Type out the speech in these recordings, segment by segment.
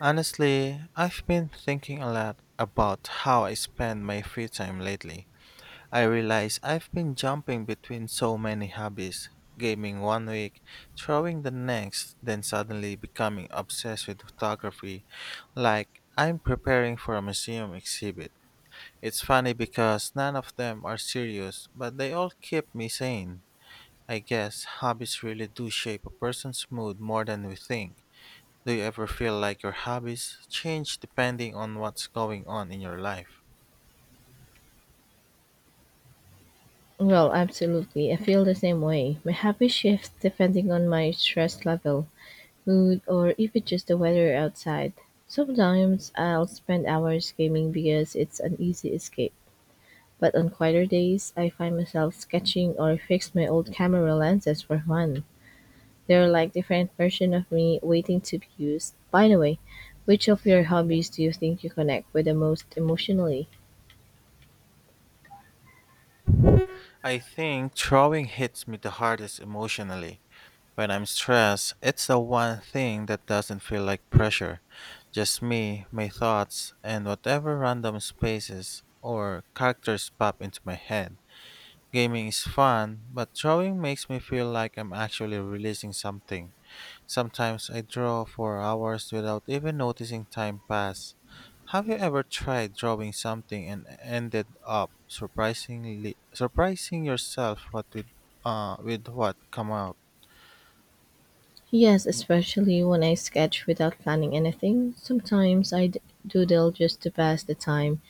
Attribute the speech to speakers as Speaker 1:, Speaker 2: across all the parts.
Speaker 1: Honestly, I've been thinking a lot about how I spend my free time lately. I realize I've been jumping between so many hobbies, gaming one week, throwing the next, then suddenly becoming obsessed with photography, like I'm preparing for a museum exhibit. It's funny because none of them are serious, but they all keep me sane. I guess hobbies really do shape a person's mood more than we think. Do you ever feel like your hobbies change depending on what's going on in your life?
Speaker 2: Well, absolutely. I feel the same way. My habits shift depending on my stress level, mood, or even just the weather outside. Sometimes I'll spend hours gaming because it's an easy escape. But on quieter days, I find myself sketching or fix my old camera lenses for fun. They're like different version of me waiting to be used. By the way, which of your hobbies do you think you connect with the most emotionally?
Speaker 1: I think drawing hits me the hardest emotionally. When I'm stressed, it's the one thing that doesn't feel like pressure. Just me, my thoughts, and whatever random spaces or characters pop into my head. Gaming is fun, but drawing makes me feel like I'm actually releasing something. Sometimes I draw for hours without even noticing time pass. Have you ever tried drawing something and ended up surprisingly surprising yourself what with what come out?
Speaker 2: Yes, especially when I sketch without planning anything. Sometimes I doodle just to pass the time,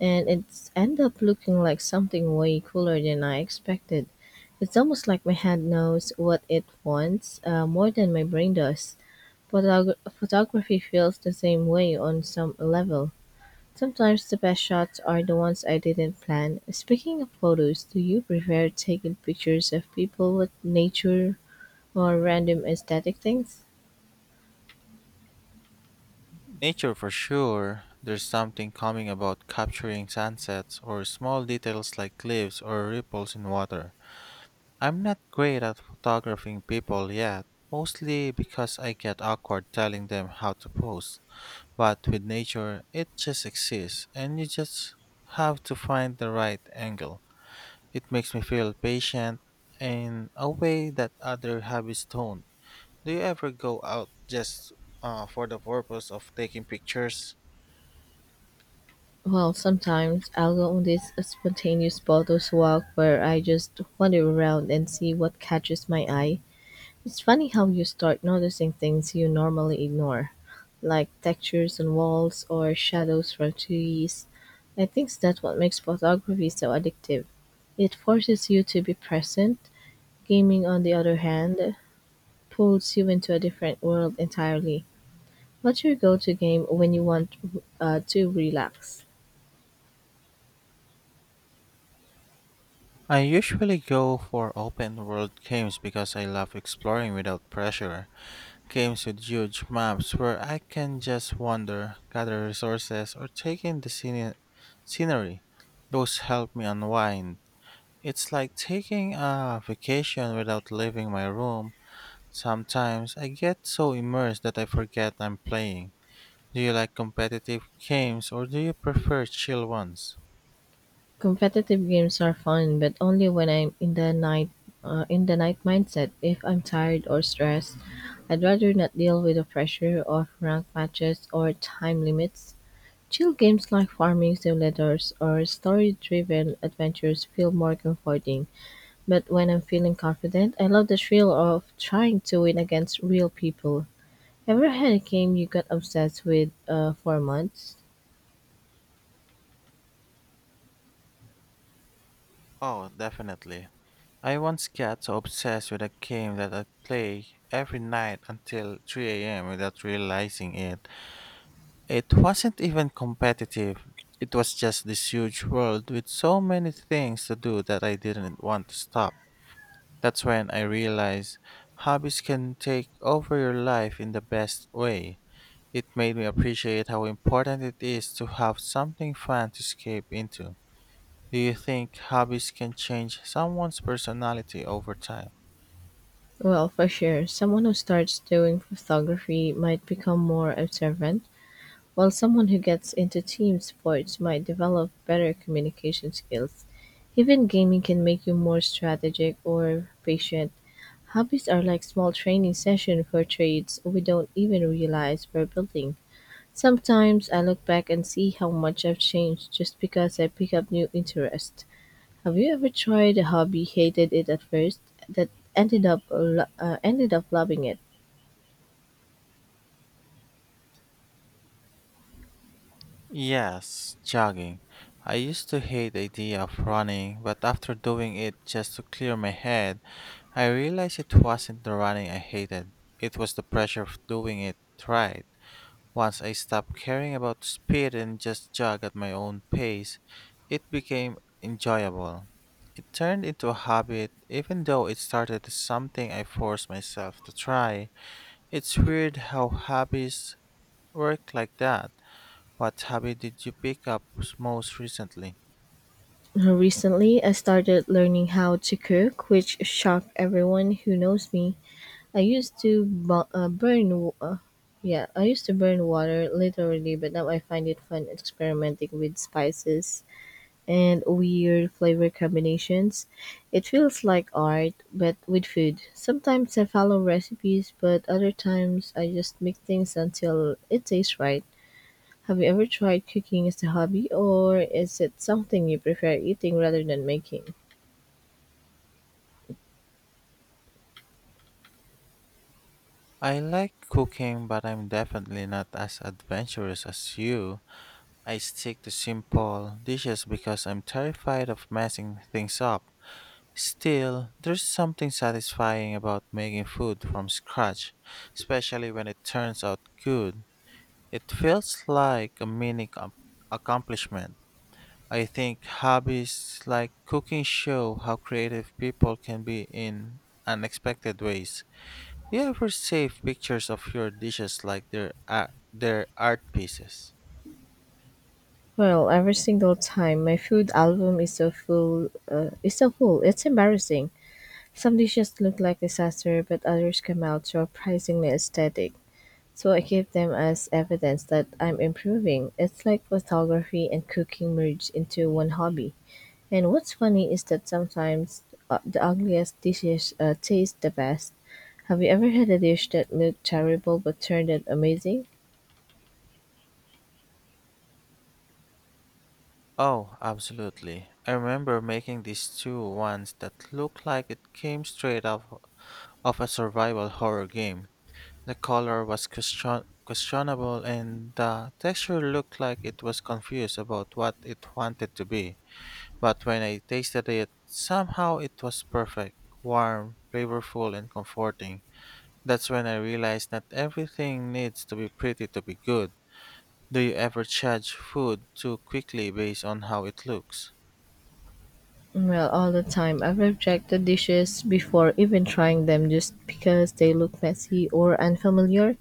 Speaker 2: and it's end up looking like something way cooler than I expected. It's almost like my hand knows what it wants more than my brain does. Photography feels the same way on some level. Sometimes the best shots are the ones I didn't plan. Speaking of photos, do you prefer taking pictures of people with nature or random aesthetic things?
Speaker 1: Nature for sure. There's something calming about capturing sunsets or small details like cliffs or ripples in water. I'm not great at photographing people yet, mostly because I get awkward telling them how to pose. But with nature, it just exists and you just have to find the right angle. It makes me feel patient in a way that other habits don't. Do you ever go out just for the purpose of taking pictures?
Speaker 2: Well, sometimes I'll go on these spontaneous bottles walk where I just wander around and see what catches my eye. It's funny how you start noticing things you normally ignore, like textures on walls or shadows from trees. I think that's what makes photography so addictive. It forces you to be present. Gaming, on the other hand, pulls you into a different world entirely. What's your go to game when you want to relax?
Speaker 1: I usually go for open world games because I love exploring without pressure. Games with huge maps where I can just wander, gather resources, or take in the scenery. Those help me unwind. It's like taking a vacation without leaving my room. Sometimes I get so immersed that I forget I'm playing. Do you like competitive games or do you prefer chill ones?
Speaker 2: Competitive games are fun, but only when I'm in the night mindset. If I'm tired or stressed, I'd rather not deal with the pressure of rank matches or time limits. Chill games like farming simulators or story-driven adventures feel more comforting. But when I'm feeling confident, I love the thrill of trying to win against real people. Ever had a game you got obsessed with for months?
Speaker 1: Oh, definitely. I once got so obsessed with a game that I play every night until 3 a.m. without realizing it. It wasn't even competitive. It was just this huge world with so many things to do that I didn't want to stop. That's when I realized hobbies can take over your life in the best way. It made me appreciate how important it is to have something fun to escape into. Do you think hobbies can change someone's personality over time?
Speaker 2: Well, for sure, someone who starts doing photography might become more observant, while someone who gets into team sports might develop better communication skills. Even gaming can make you more strategic or patient. Hobbies are like small training session for traits we don't even realize we're building. Sometimes I look back and see how much I've changed just because I pick up new interests. Have you ever tried a hobby, hated it at first, that ended up loving it?
Speaker 1: Yes, jogging. I used to hate the idea of running, but after doing it just to clear my head, I realized it wasn't the running I hated. It was the pressure of doing it right. Once I stopped caring about speed and just jogged at my own pace, it became enjoyable. It turned into a habit, even though it started as something I forced myself to try. It's weird how habits work like that. What habit did you pick up most recently?
Speaker 2: Recently, I started learning how to cook, which shocked everyone who knows me. I used to bu- burn, w- yeah, I used to burn water literally, but now I find it fun experimenting with spices and weird flavor combinations. It feels like art, but with food. Sometimes I follow recipes, but other times I just make things until it tastes right. Have you ever tried cooking as a hobby, or is it something you prefer eating rather than making?
Speaker 1: I like cooking, but I'm definitely not as adventurous as you. I stick to simple dishes because I'm terrified of messing things up. Still, there's something satisfying about making food from scratch, especially when it turns out good. It feels like a mini accomplishment. I think hobbies like cooking show how creative people can be in unexpected ways. Do you ever save pictures of your dishes like their are their art pieces?
Speaker 2: Well, every single time my food album is so full, is so full. It's embarrassing. Some dishes look like disaster, but others come out surprisingly aesthetic. So I give them as evidence that I'm improving. It's like photography and cooking merged into one hobby. And what's funny is that sometimes the ugliest dishes taste the best. Have you ever had a dish that looked terrible but turned out amazing?
Speaker 1: Oh, absolutely. I remember making this stew once that looked like it came straight out of a survival horror game. The color was questionable and the texture looked like it was confused about what it wanted to be. But when I tasted it, somehow it was perfect, warm, flavorful, and comforting. That's when I realized that everything needs to be pretty to be good. Do you ever judge food too quickly based on how it looks?
Speaker 2: Well, all the time. I've rejected dishes before even trying them just because they look messy or unfamiliar.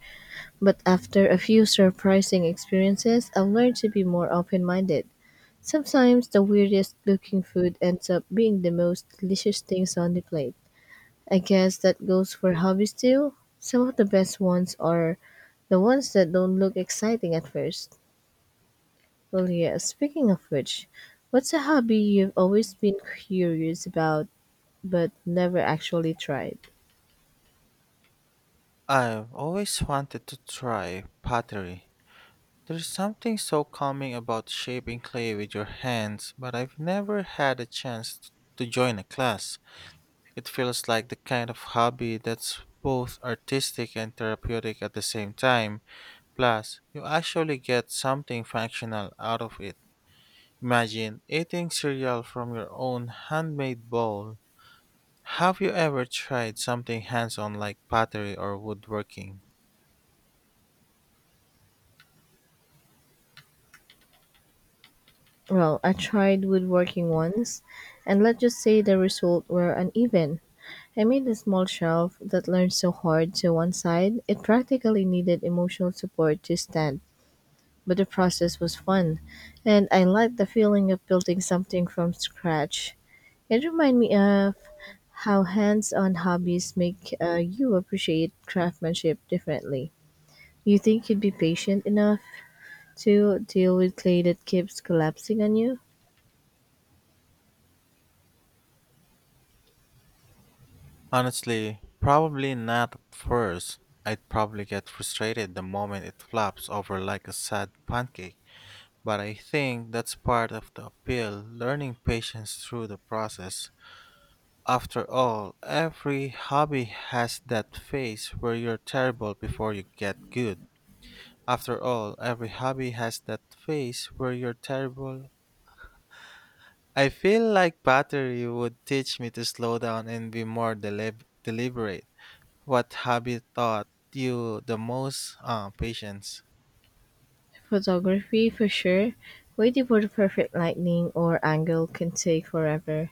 Speaker 2: But after a few surprising experiences, I've learned to be more open minded. Sometimes the weirdest looking food ends up being the most delicious things on the plate. I guess that goes for hobbies too. Some of the best ones are the ones that don't look exciting at first. Well, yeah, speaking of which, what's a hobby you've always been curious about but never actually tried?
Speaker 1: I've always wanted to try pottery. There's something so calming about shaping clay with your hands, but I've never had a chance to join a class. It feels like the kind of hobby that's both artistic and therapeutic at the same time. Plus, you actually get something functional out of it. Imagine eating cereal from your own handmade bowl. Have you ever tried something hands on like pottery or woodworking?
Speaker 2: Well, I tried woodworking once, and let's just say the result were uneven. I made a small shelf that leaned so hard to one side, it practically needed emotional support to stand. But the process was fun, and I liked the feeling of building something from scratch. It reminds me of how hands on hobbies make you appreciate craftsmanship differently. You think you'd be patient enough to deal with clay that keeps collapsing on you?
Speaker 1: Honestly, probably not at first. I'd probably get frustrated the moment it flops over like a sad pancake. But I think that's part of the appeal, learning patience through the process. After all, every hobby has that phase where you're terrible before you get good. After all, every hobby has that phase where you're terrible. I feel like battery would teach me to slow down and be more deliberate. What habit taught you the most patience?
Speaker 2: Photography, for sure. Waiting for the perfect lighting or angle can take forever.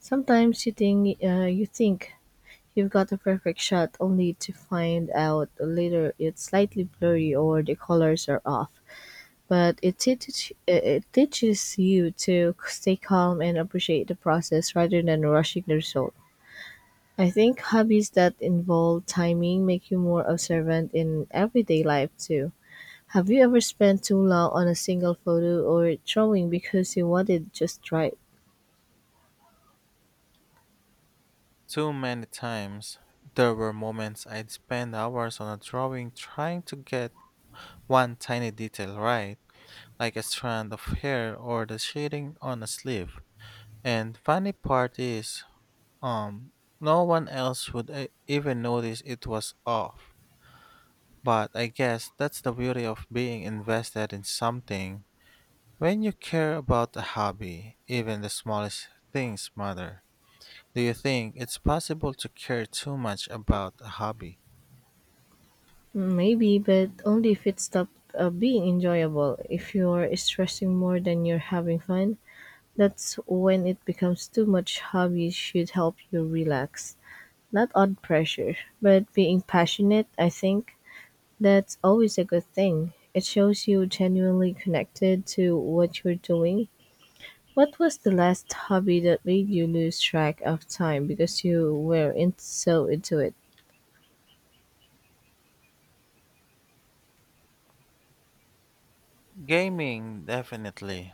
Speaker 2: Sometimes you think you've got the perfect shot, only to find out later it's slightly blurry or the colors are off, but it teaches you to stay calm and appreciate the process rather than rushing the result. I think hobbies that involve timing make you more observant in everyday life too. Have you ever spent too long on a single photo or drawing because you wanted just right?
Speaker 1: Too many times there were moments I'd spend hours on a drawing trying to get one tiny detail right, like a strand of hair or the shading on a sleeve. And funny part is, um, no one else would even notice it was off. But I guess that's the beauty of being invested in something. When you care about a hobby, even the smallest things matter. Do you think it's possible to care too much about a hobby?
Speaker 2: Maybe, but only if it stopped being enjoyable. If you're stressing more than you're having fun, that's when it becomes too much. Hobbies should help you relax. Not on pressure, but being passionate, I think that's always a good thing. It shows you genuinely connected to what you're doing. What was the last hobby that made you lose track of time because so into it?
Speaker 1: Gaming, definitely.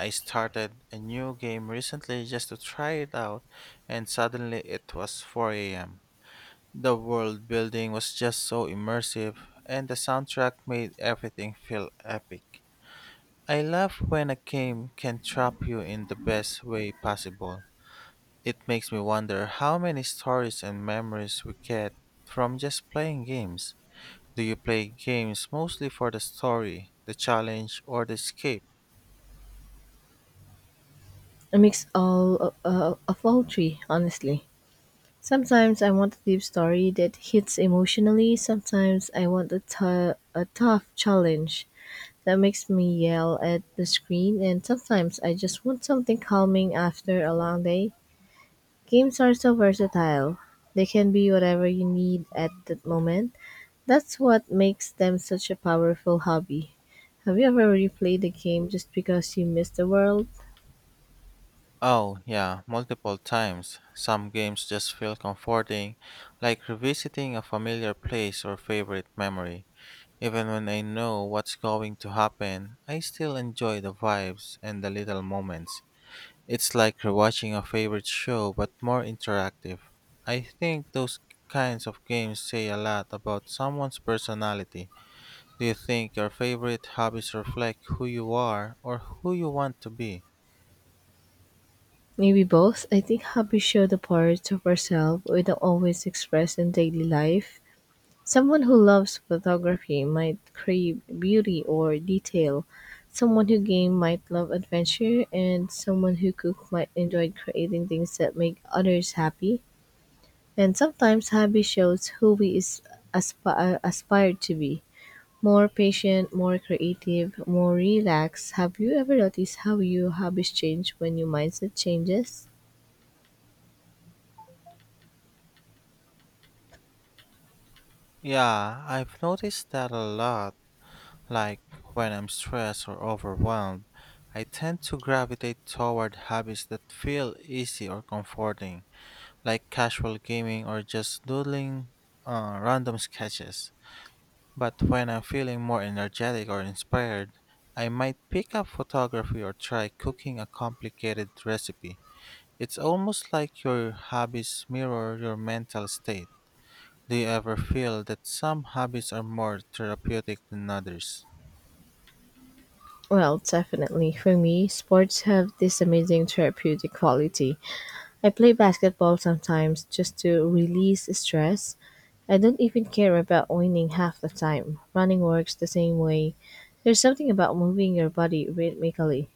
Speaker 1: I started a new game recently just to try it out, and suddenly it was 4 a.m. The world building was just so immersive, and the soundtrack made everything feel epic. I love when a game can trap you in the best way possible. It makes me wonder how many stories and memories we get from just playing games. Do you play games mostly for the story, the challenge, or the escape?
Speaker 2: A mix all of all three, honestly. Sometimes I want a deep story that hits emotionally. Sometimes I want a tough challenge that makes me yell at the screen, and sometimes I just want something calming after a long day. Games are so versatile. They can be whatever you need at that moment. That's what makes them such a powerful hobby. Have you ever replayed a game just because you miss the world?
Speaker 1: Oh, yeah, multiple times. Some games just feel comforting, like revisiting a familiar place or favorite memory. Even when I know what's going to happen, I still enjoy the vibes and the little moments. It's like rewatching a favorite show but more interactive. I think those kinds of games say a lot about someone's personality. Do you think your favorite hobbies reflect who you are or who you want to be?
Speaker 2: Maybe both. I think hobbies show the parts of ourselves we don't always express in daily life. Someone who loves photography might crave beauty or detail. Someone who game might love adventure, and someone who cook might enjoy creating things that make others happy. And sometimes hobby shows who we is aspire to be. More patient, more creative, more relaxed. Have you ever noticed how your hobbies change when your mindset changes?
Speaker 1: Yeah, I've noticed that a lot. Like when I'm stressed or overwhelmed, I tend to gravitate toward hobbies that feel easy or comforting, like casual gaming or just doodling random sketches. But when I'm feeling more energetic or inspired, I might pick up photography or try cooking a complicated recipe. It's almost like your hobbies mirror your mental state. Do you ever feel that some hobbies are more therapeutic than others?
Speaker 2: Well, definitely. For me, sports have this amazing therapeutic quality. I play basketball sometimes just to release stress. I don't even care about winning half the time. Running works the same way. There's something about moving your body rhythmically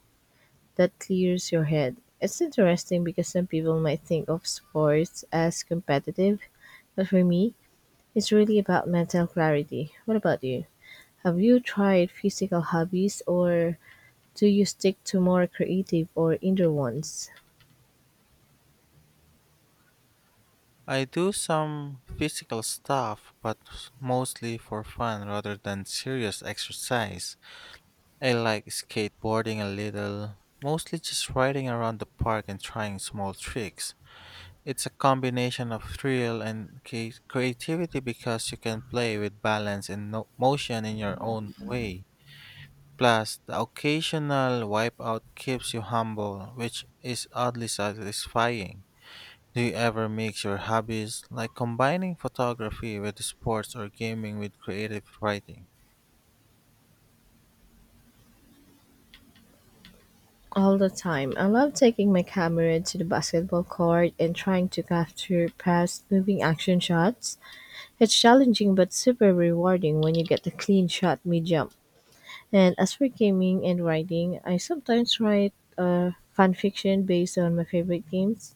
Speaker 2: that clears your head. It's interesting because some people might think of sports as competitive, but for me, it's really about mental clarity. What about you? Have you tried physical hobbies or do you stick to more creative or indoor ones?
Speaker 1: I do some physical stuff, but mostly for fun rather than serious exercise. I like skateboarding a little, mostly just riding around the park and trying small tricks. It's a combination of thrill and creativity because you can play with balance and motion in your own way. Plus, the occasional wipeout keeps you humble, which is oddly satisfying. Do you ever mix your hobbies, like combining photography with sports or gaming with creative writing?
Speaker 2: All the time. I love taking my camera to the basketball court and trying to capture fast moving action shots. It's challenging but super rewarding when you get a clean shot mid jump. And as for gaming and writing, I sometimes write fan fiction based on my favorite games.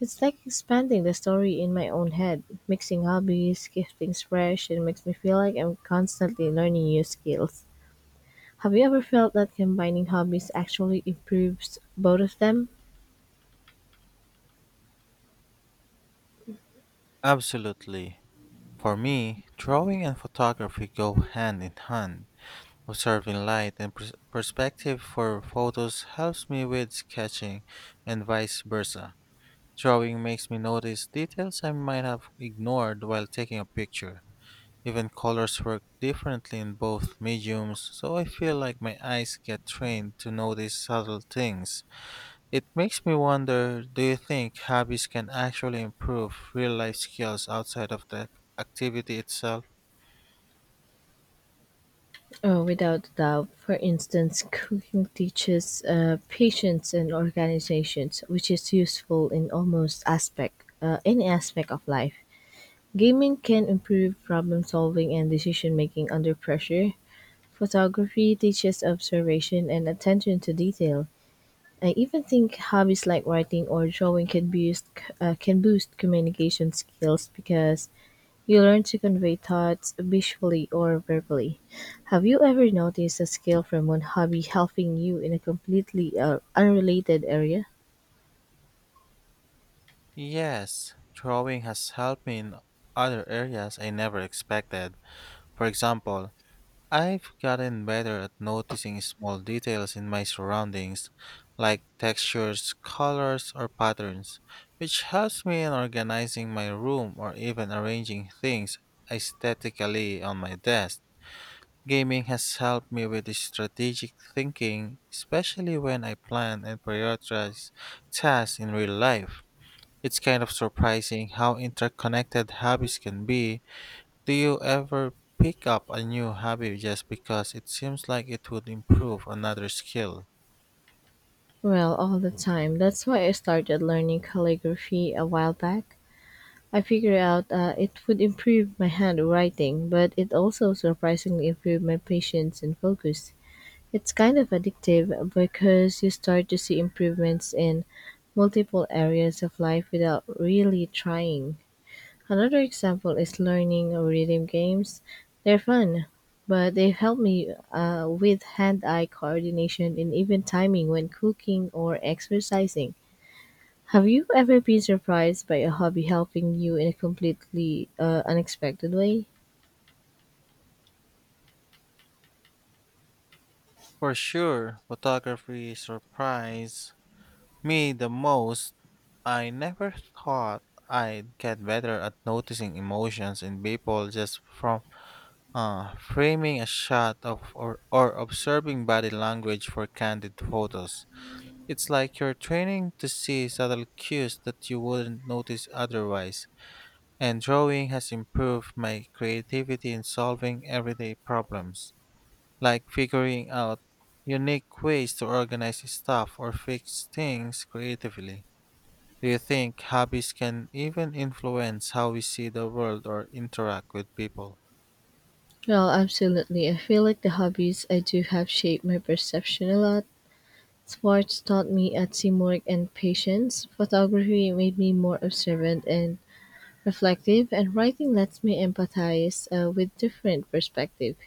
Speaker 2: It's like expanding the story in my own head, mixing hobbies, keeps things fresh, and makes me feel like I'm constantly learning new skills. Have you ever felt that combining hobbies actually improves both of them?
Speaker 1: Absolutely. For me, drawing and photography go hand in hand. Observing light and perspective for photos helps me with sketching, and vice versa. Drawing makes me notice details I might have ignored while taking a picture. Even colors work differently in both mediums, so I feel like my eyes get trained to notice subtle things. It makes me wonder, do you think hobbies can actually improve real life skills outside of the activity itself?
Speaker 2: Oh, without a doubt. For instance, cooking teaches patience and organizations, which is useful in any aspect of life. Gaming can improve problem solving and decision making under pressure. Photography teaches observation and attention to detail. I even think hobbies like writing or drawing can boost communication skills because you learn to convey thoughts visually or verbally. Have you ever noticed a skill from one hobby helping you in a completely unrelated area?
Speaker 1: Yes, drawing has helped me in other areas I never expected. For example, I've gotten better at noticing small details in my surroundings, like textures, colors, or patterns, which helps me in organizing my room or even arranging things aesthetically on my desk. Gaming has helped me with strategic thinking, especially when I plan and prioritize tasks in real life. It's kind of surprising how interconnected hobbies can be. Do you ever pick up a new hobby just because it seems like it would improve another skill?
Speaker 2: Well, all the time. That's why I started learning calligraphy a while back. I figured out it would improve my handwriting, but it also surprisingly improved my patience and focus. It's kind of addictive because you start to see improvements in multiple areas of life without really trying. Another example is learning rhythm games. They're fun, but they help me with hand eye coordination and even timing when cooking or exercising. Have you ever been surprised by a hobby helping you in a completely unexpected way?
Speaker 1: For sure, photography surprised me the most. I never thought I'd get better at noticing emotions in people just from framing a shot or observing body language for candid photos. It's like you're training to see subtle cues that you wouldn't notice otherwise. And drawing has improved my creativity in solving everyday problems, like figuring out unique ways to organize stuff or fix things creatively. Do you think hobbies can even influence how we see the world or interact with people?
Speaker 2: Well, absolutely. I feel like the hobbies I do have shaped my perception a lot. Sports taught me a teamwork and patience. Photography made me more observant and reflective, and writing lets me empathize with different perspectives.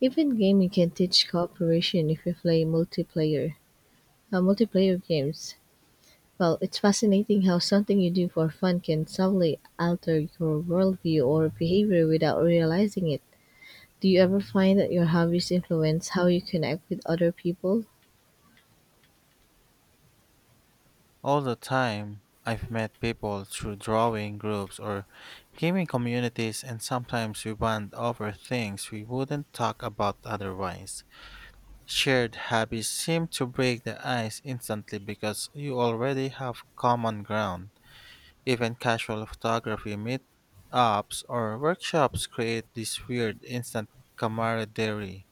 Speaker 2: Even gaming can teach cooperation if you play multiplayer games. Well, it's fascinating how something you do for fun can subtly alter your worldview or behavior without realizing it. Do you ever find that your hobbies influence how you connect with other people?
Speaker 1: All the time, I've met people through drawing groups or gaming communities, and sometimes we bond over things we wouldn't talk about otherwise. Shared hobbies seem to break the ice instantly because you already have common ground. Even casual photography meetups or workshops create this weird instant camaraderie.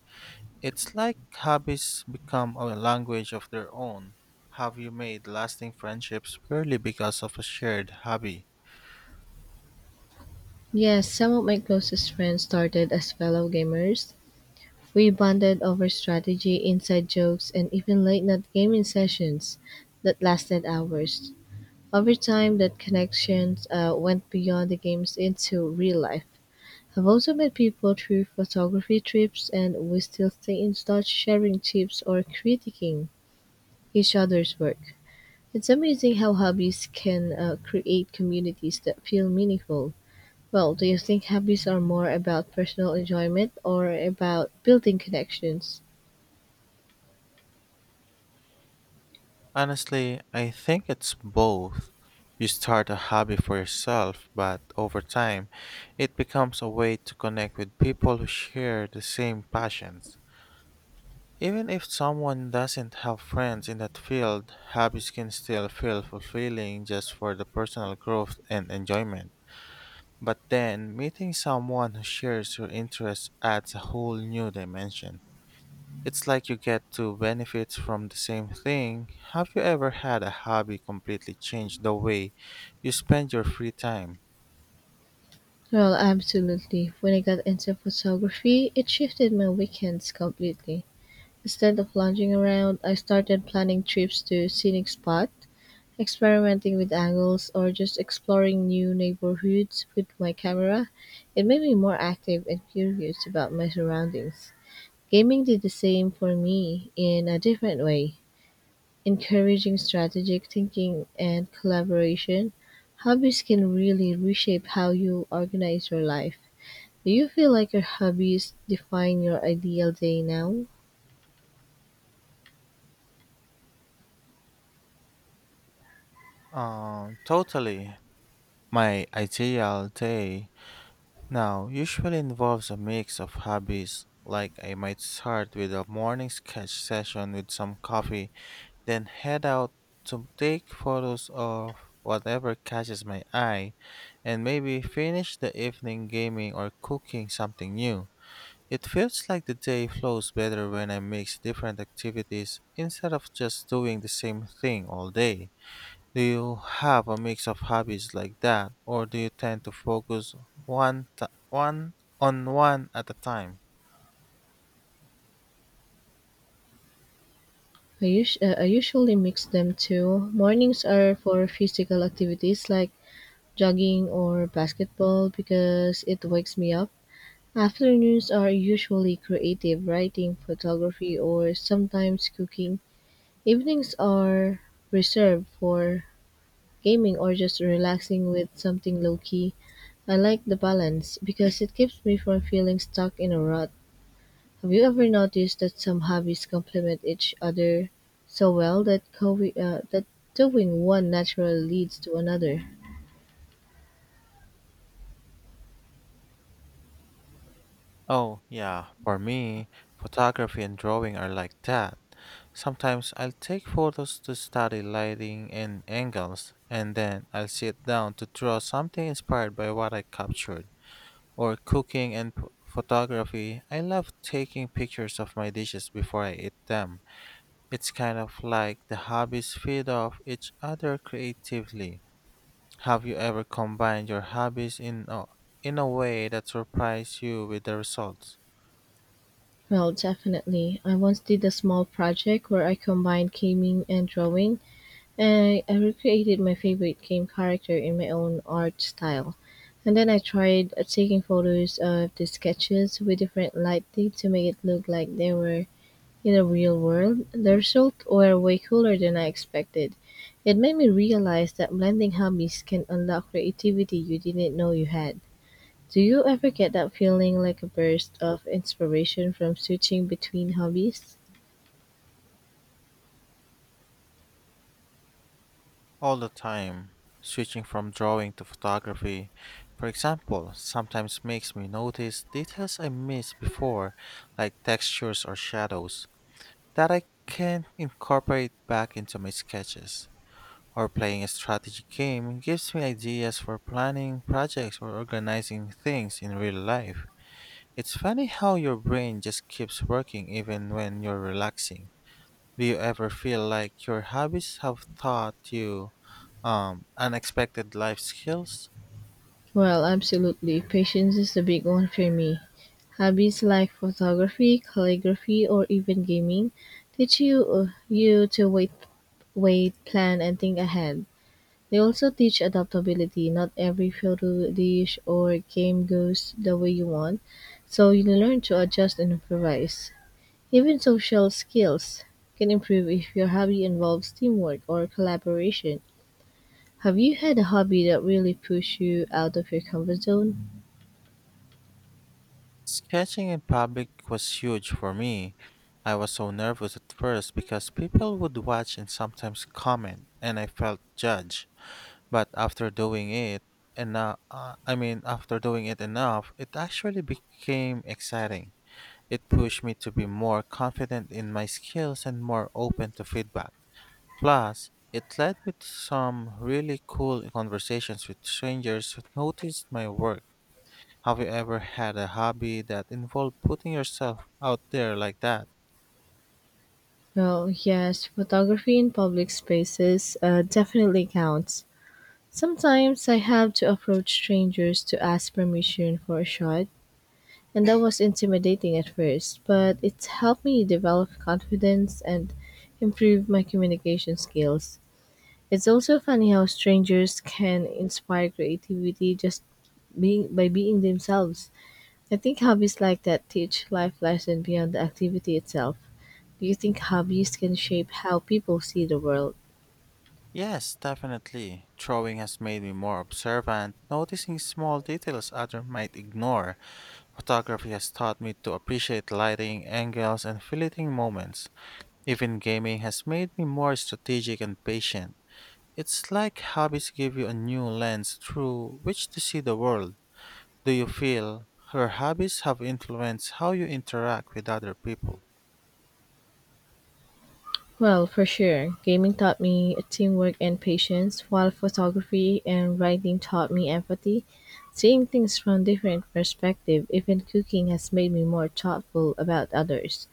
Speaker 1: It's like hobbies become a language of their own. Have you made lasting friendships purely because of a shared hobby?
Speaker 2: Yes, some of my closest friends started as fellow gamers. We bonded over strategy, inside jokes, and even late night gaming sessions that lasted hours. Over time, that connection went beyond the games into real life. I've also met people through photography trips, and we still stay in touch, sharing tips or critiquing each other's work. It's amazing how hobbies can create communities that feel meaningful. Well, do you think hobbies are more about personal enjoyment or about building connections?
Speaker 1: Honestly, I think it's both. You start a hobby for yourself, but over time, it becomes a way to connect with people who share the same passions. Even if someone doesn't have friends in that field, hobbies can still feel fulfilling just for the personal growth and enjoyment. But then, meeting someone who shares your interests adds a whole new dimension. It's like you get two benefits from the same thing. Have you ever had a hobby completely change the way you spend your free time?
Speaker 2: Well, absolutely. When I got into photography, it shifted my weekends completely. Instead of lounging around, I started planning trips to scenic spots, experimenting with angles, or just exploring new neighborhoods with my camera. It made me more active and curious about my surroundings. Gaming did the same for me in a different way. Encouraging strategic thinking and collaboration, hobbies can really reshape how you organize your life. Do you feel like your hobbies define your ideal day now?
Speaker 1: Totally. My ideal day now usually involves a mix of hobbies. Like I might start with a morning sketch session with some coffee, then head out to take photos of whatever catches my eye, and maybe finish the evening gaming or cooking something new. It feels like the day flows better when I mix different activities instead of just doing the same thing all day. Do you have a mix of hobbies like that, or do you tend to focus one on one at a time?
Speaker 2: I usually mix them too. Mornings are for physical activities like jogging or basketball because it wakes me up. Afternoons are usually creative writing, photography, or sometimes cooking. Evenings are reserved for gaming or just relaxing with something low key. I like the balance because it keeps me from feeling stuck in a rut. Have you ever noticed that some hobbies complement each other so well that doing one naturally leads to another?
Speaker 1: Oh, yeah, for me, photography and drawing are like that. Sometimes I'll take photos to study lighting and angles, and then I'll sit down to draw something inspired by what I captured, or cooking and photography. I love taking pictures of my dishes before I eat them. It's kind of like the hobbies feed off each other creatively. Have you ever combined your hobbies in a way that surprised you with the results?
Speaker 2: Well, definitely. I once did a small project where I combined gaming and drawing. I recreated my favorite game character in my own art style. And then I tried taking photos of the sketches with different lighting to make it look like they were in the real world. The results were way cooler than I expected. It made me realize that blending hobbies can unlock creativity you didn't know you had. Do you ever get that feeling like a burst of inspiration from switching between hobbies?
Speaker 1: All the time, switching from drawing to photography, for example, sometimes makes me notice details I missed before, like textures or shadows that I can incorporate back into my sketches. Or playing a strategy game gives me ideas for planning projects or organizing things in real life. It's funny how your brain just keeps working even when you're relaxing. Do you ever feel like your hobbies have taught you unexpected life skills?
Speaker 2: Well, absolutely. Patience is a big one for me. Hobbies like photography, calligraphy, or even gaming teach you to wait, wait, plan, and think ahead. They also teach adaptability. Not every photo, dish, or game goes the way you want, so you learn to adjust and improvise. Even social skills can improve if your hobby involves teamwork or collaboration. Have you had a hobby that really pushed you out of your comfort zone?
Speaker 1: Sketching in public was huge for me. I was so nervous at first because people would watch and sometimes comment, and I felt judged. But after doing it, and I mean, after doing it enough, it actually became exciting. It pushed me to be more confident in my skills and more open to feedback. Plus, it led me to some really cool conversations with strangers who noticed my work. Have you ever had a hobby that involved putting yourself out there like that?
Speaker 2: Well, yes, photography in public spaces definitely counts. Sometimes I have to approach strangers to ask permission for a shot, and that was intimidating at first, but it's helped me develop confidence and improve my communication skills. It's also funny how strangers can inspire creativity just being by being themselves. I think hobbies like that teach life lesson beyond the activity itself. Do you think hobbies can shape how people see the world?
Speaker 1: Yes, definitely. Drawing has made me more observant, noticing small details others might ignore. Photography has taught me to appreciate lighting, angles, and fleeting moments. Even gaming has made me more strategic and patient. It's like hobbies give you a new lens through which to see the world. Do you feel your hobbies have influenced how you interact with other people?
Speaker 2: Well, for sure. Gaming taught me teamwork and patience, while photography and writing taught me empathy. Seeing things from different perspective, even cooking has made me more thoughtful about others,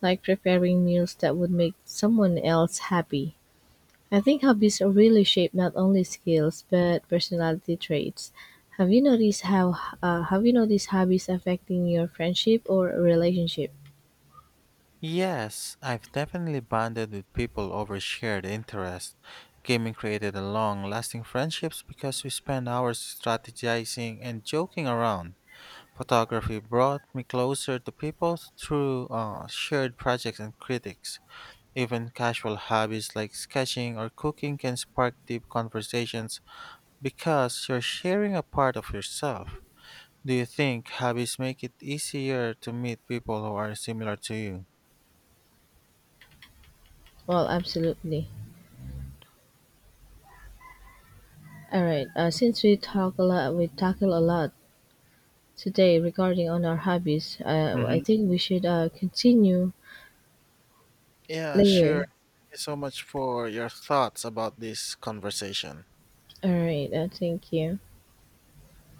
Speaker 2: like preparing meals that would make someone else happy. I think hobbies really shape not only skills but personality traits. Have you noticed how have you noticed hobbies affecting your friendship or relationship?
Speaker 1: Yes, I've definitely bonded with people over shared interests. Gaming created a long-lasting friendships because we spent hours strategizing and joking around. Photography brought me closer to people through shared projects and critics. Even casual hobbies like sketching or cooking can spark deep conversations because you're sharing a part of yourself. Do you think hobbies make it easier to meet people who are similar to you?
Speaker 2: Well, absolutely. All right. Since we talk a lot, we tackle a lot today regarding on our hobbies. I
Speaker 1: Mm-hmm.
Speaker 2: think we should continue
Speaker 1: Yeah, sure.
Speaker 2: later.
Speaker 1: Thank you so much for your thoughts about this conversation.
Speaker 2: All right. Thank you.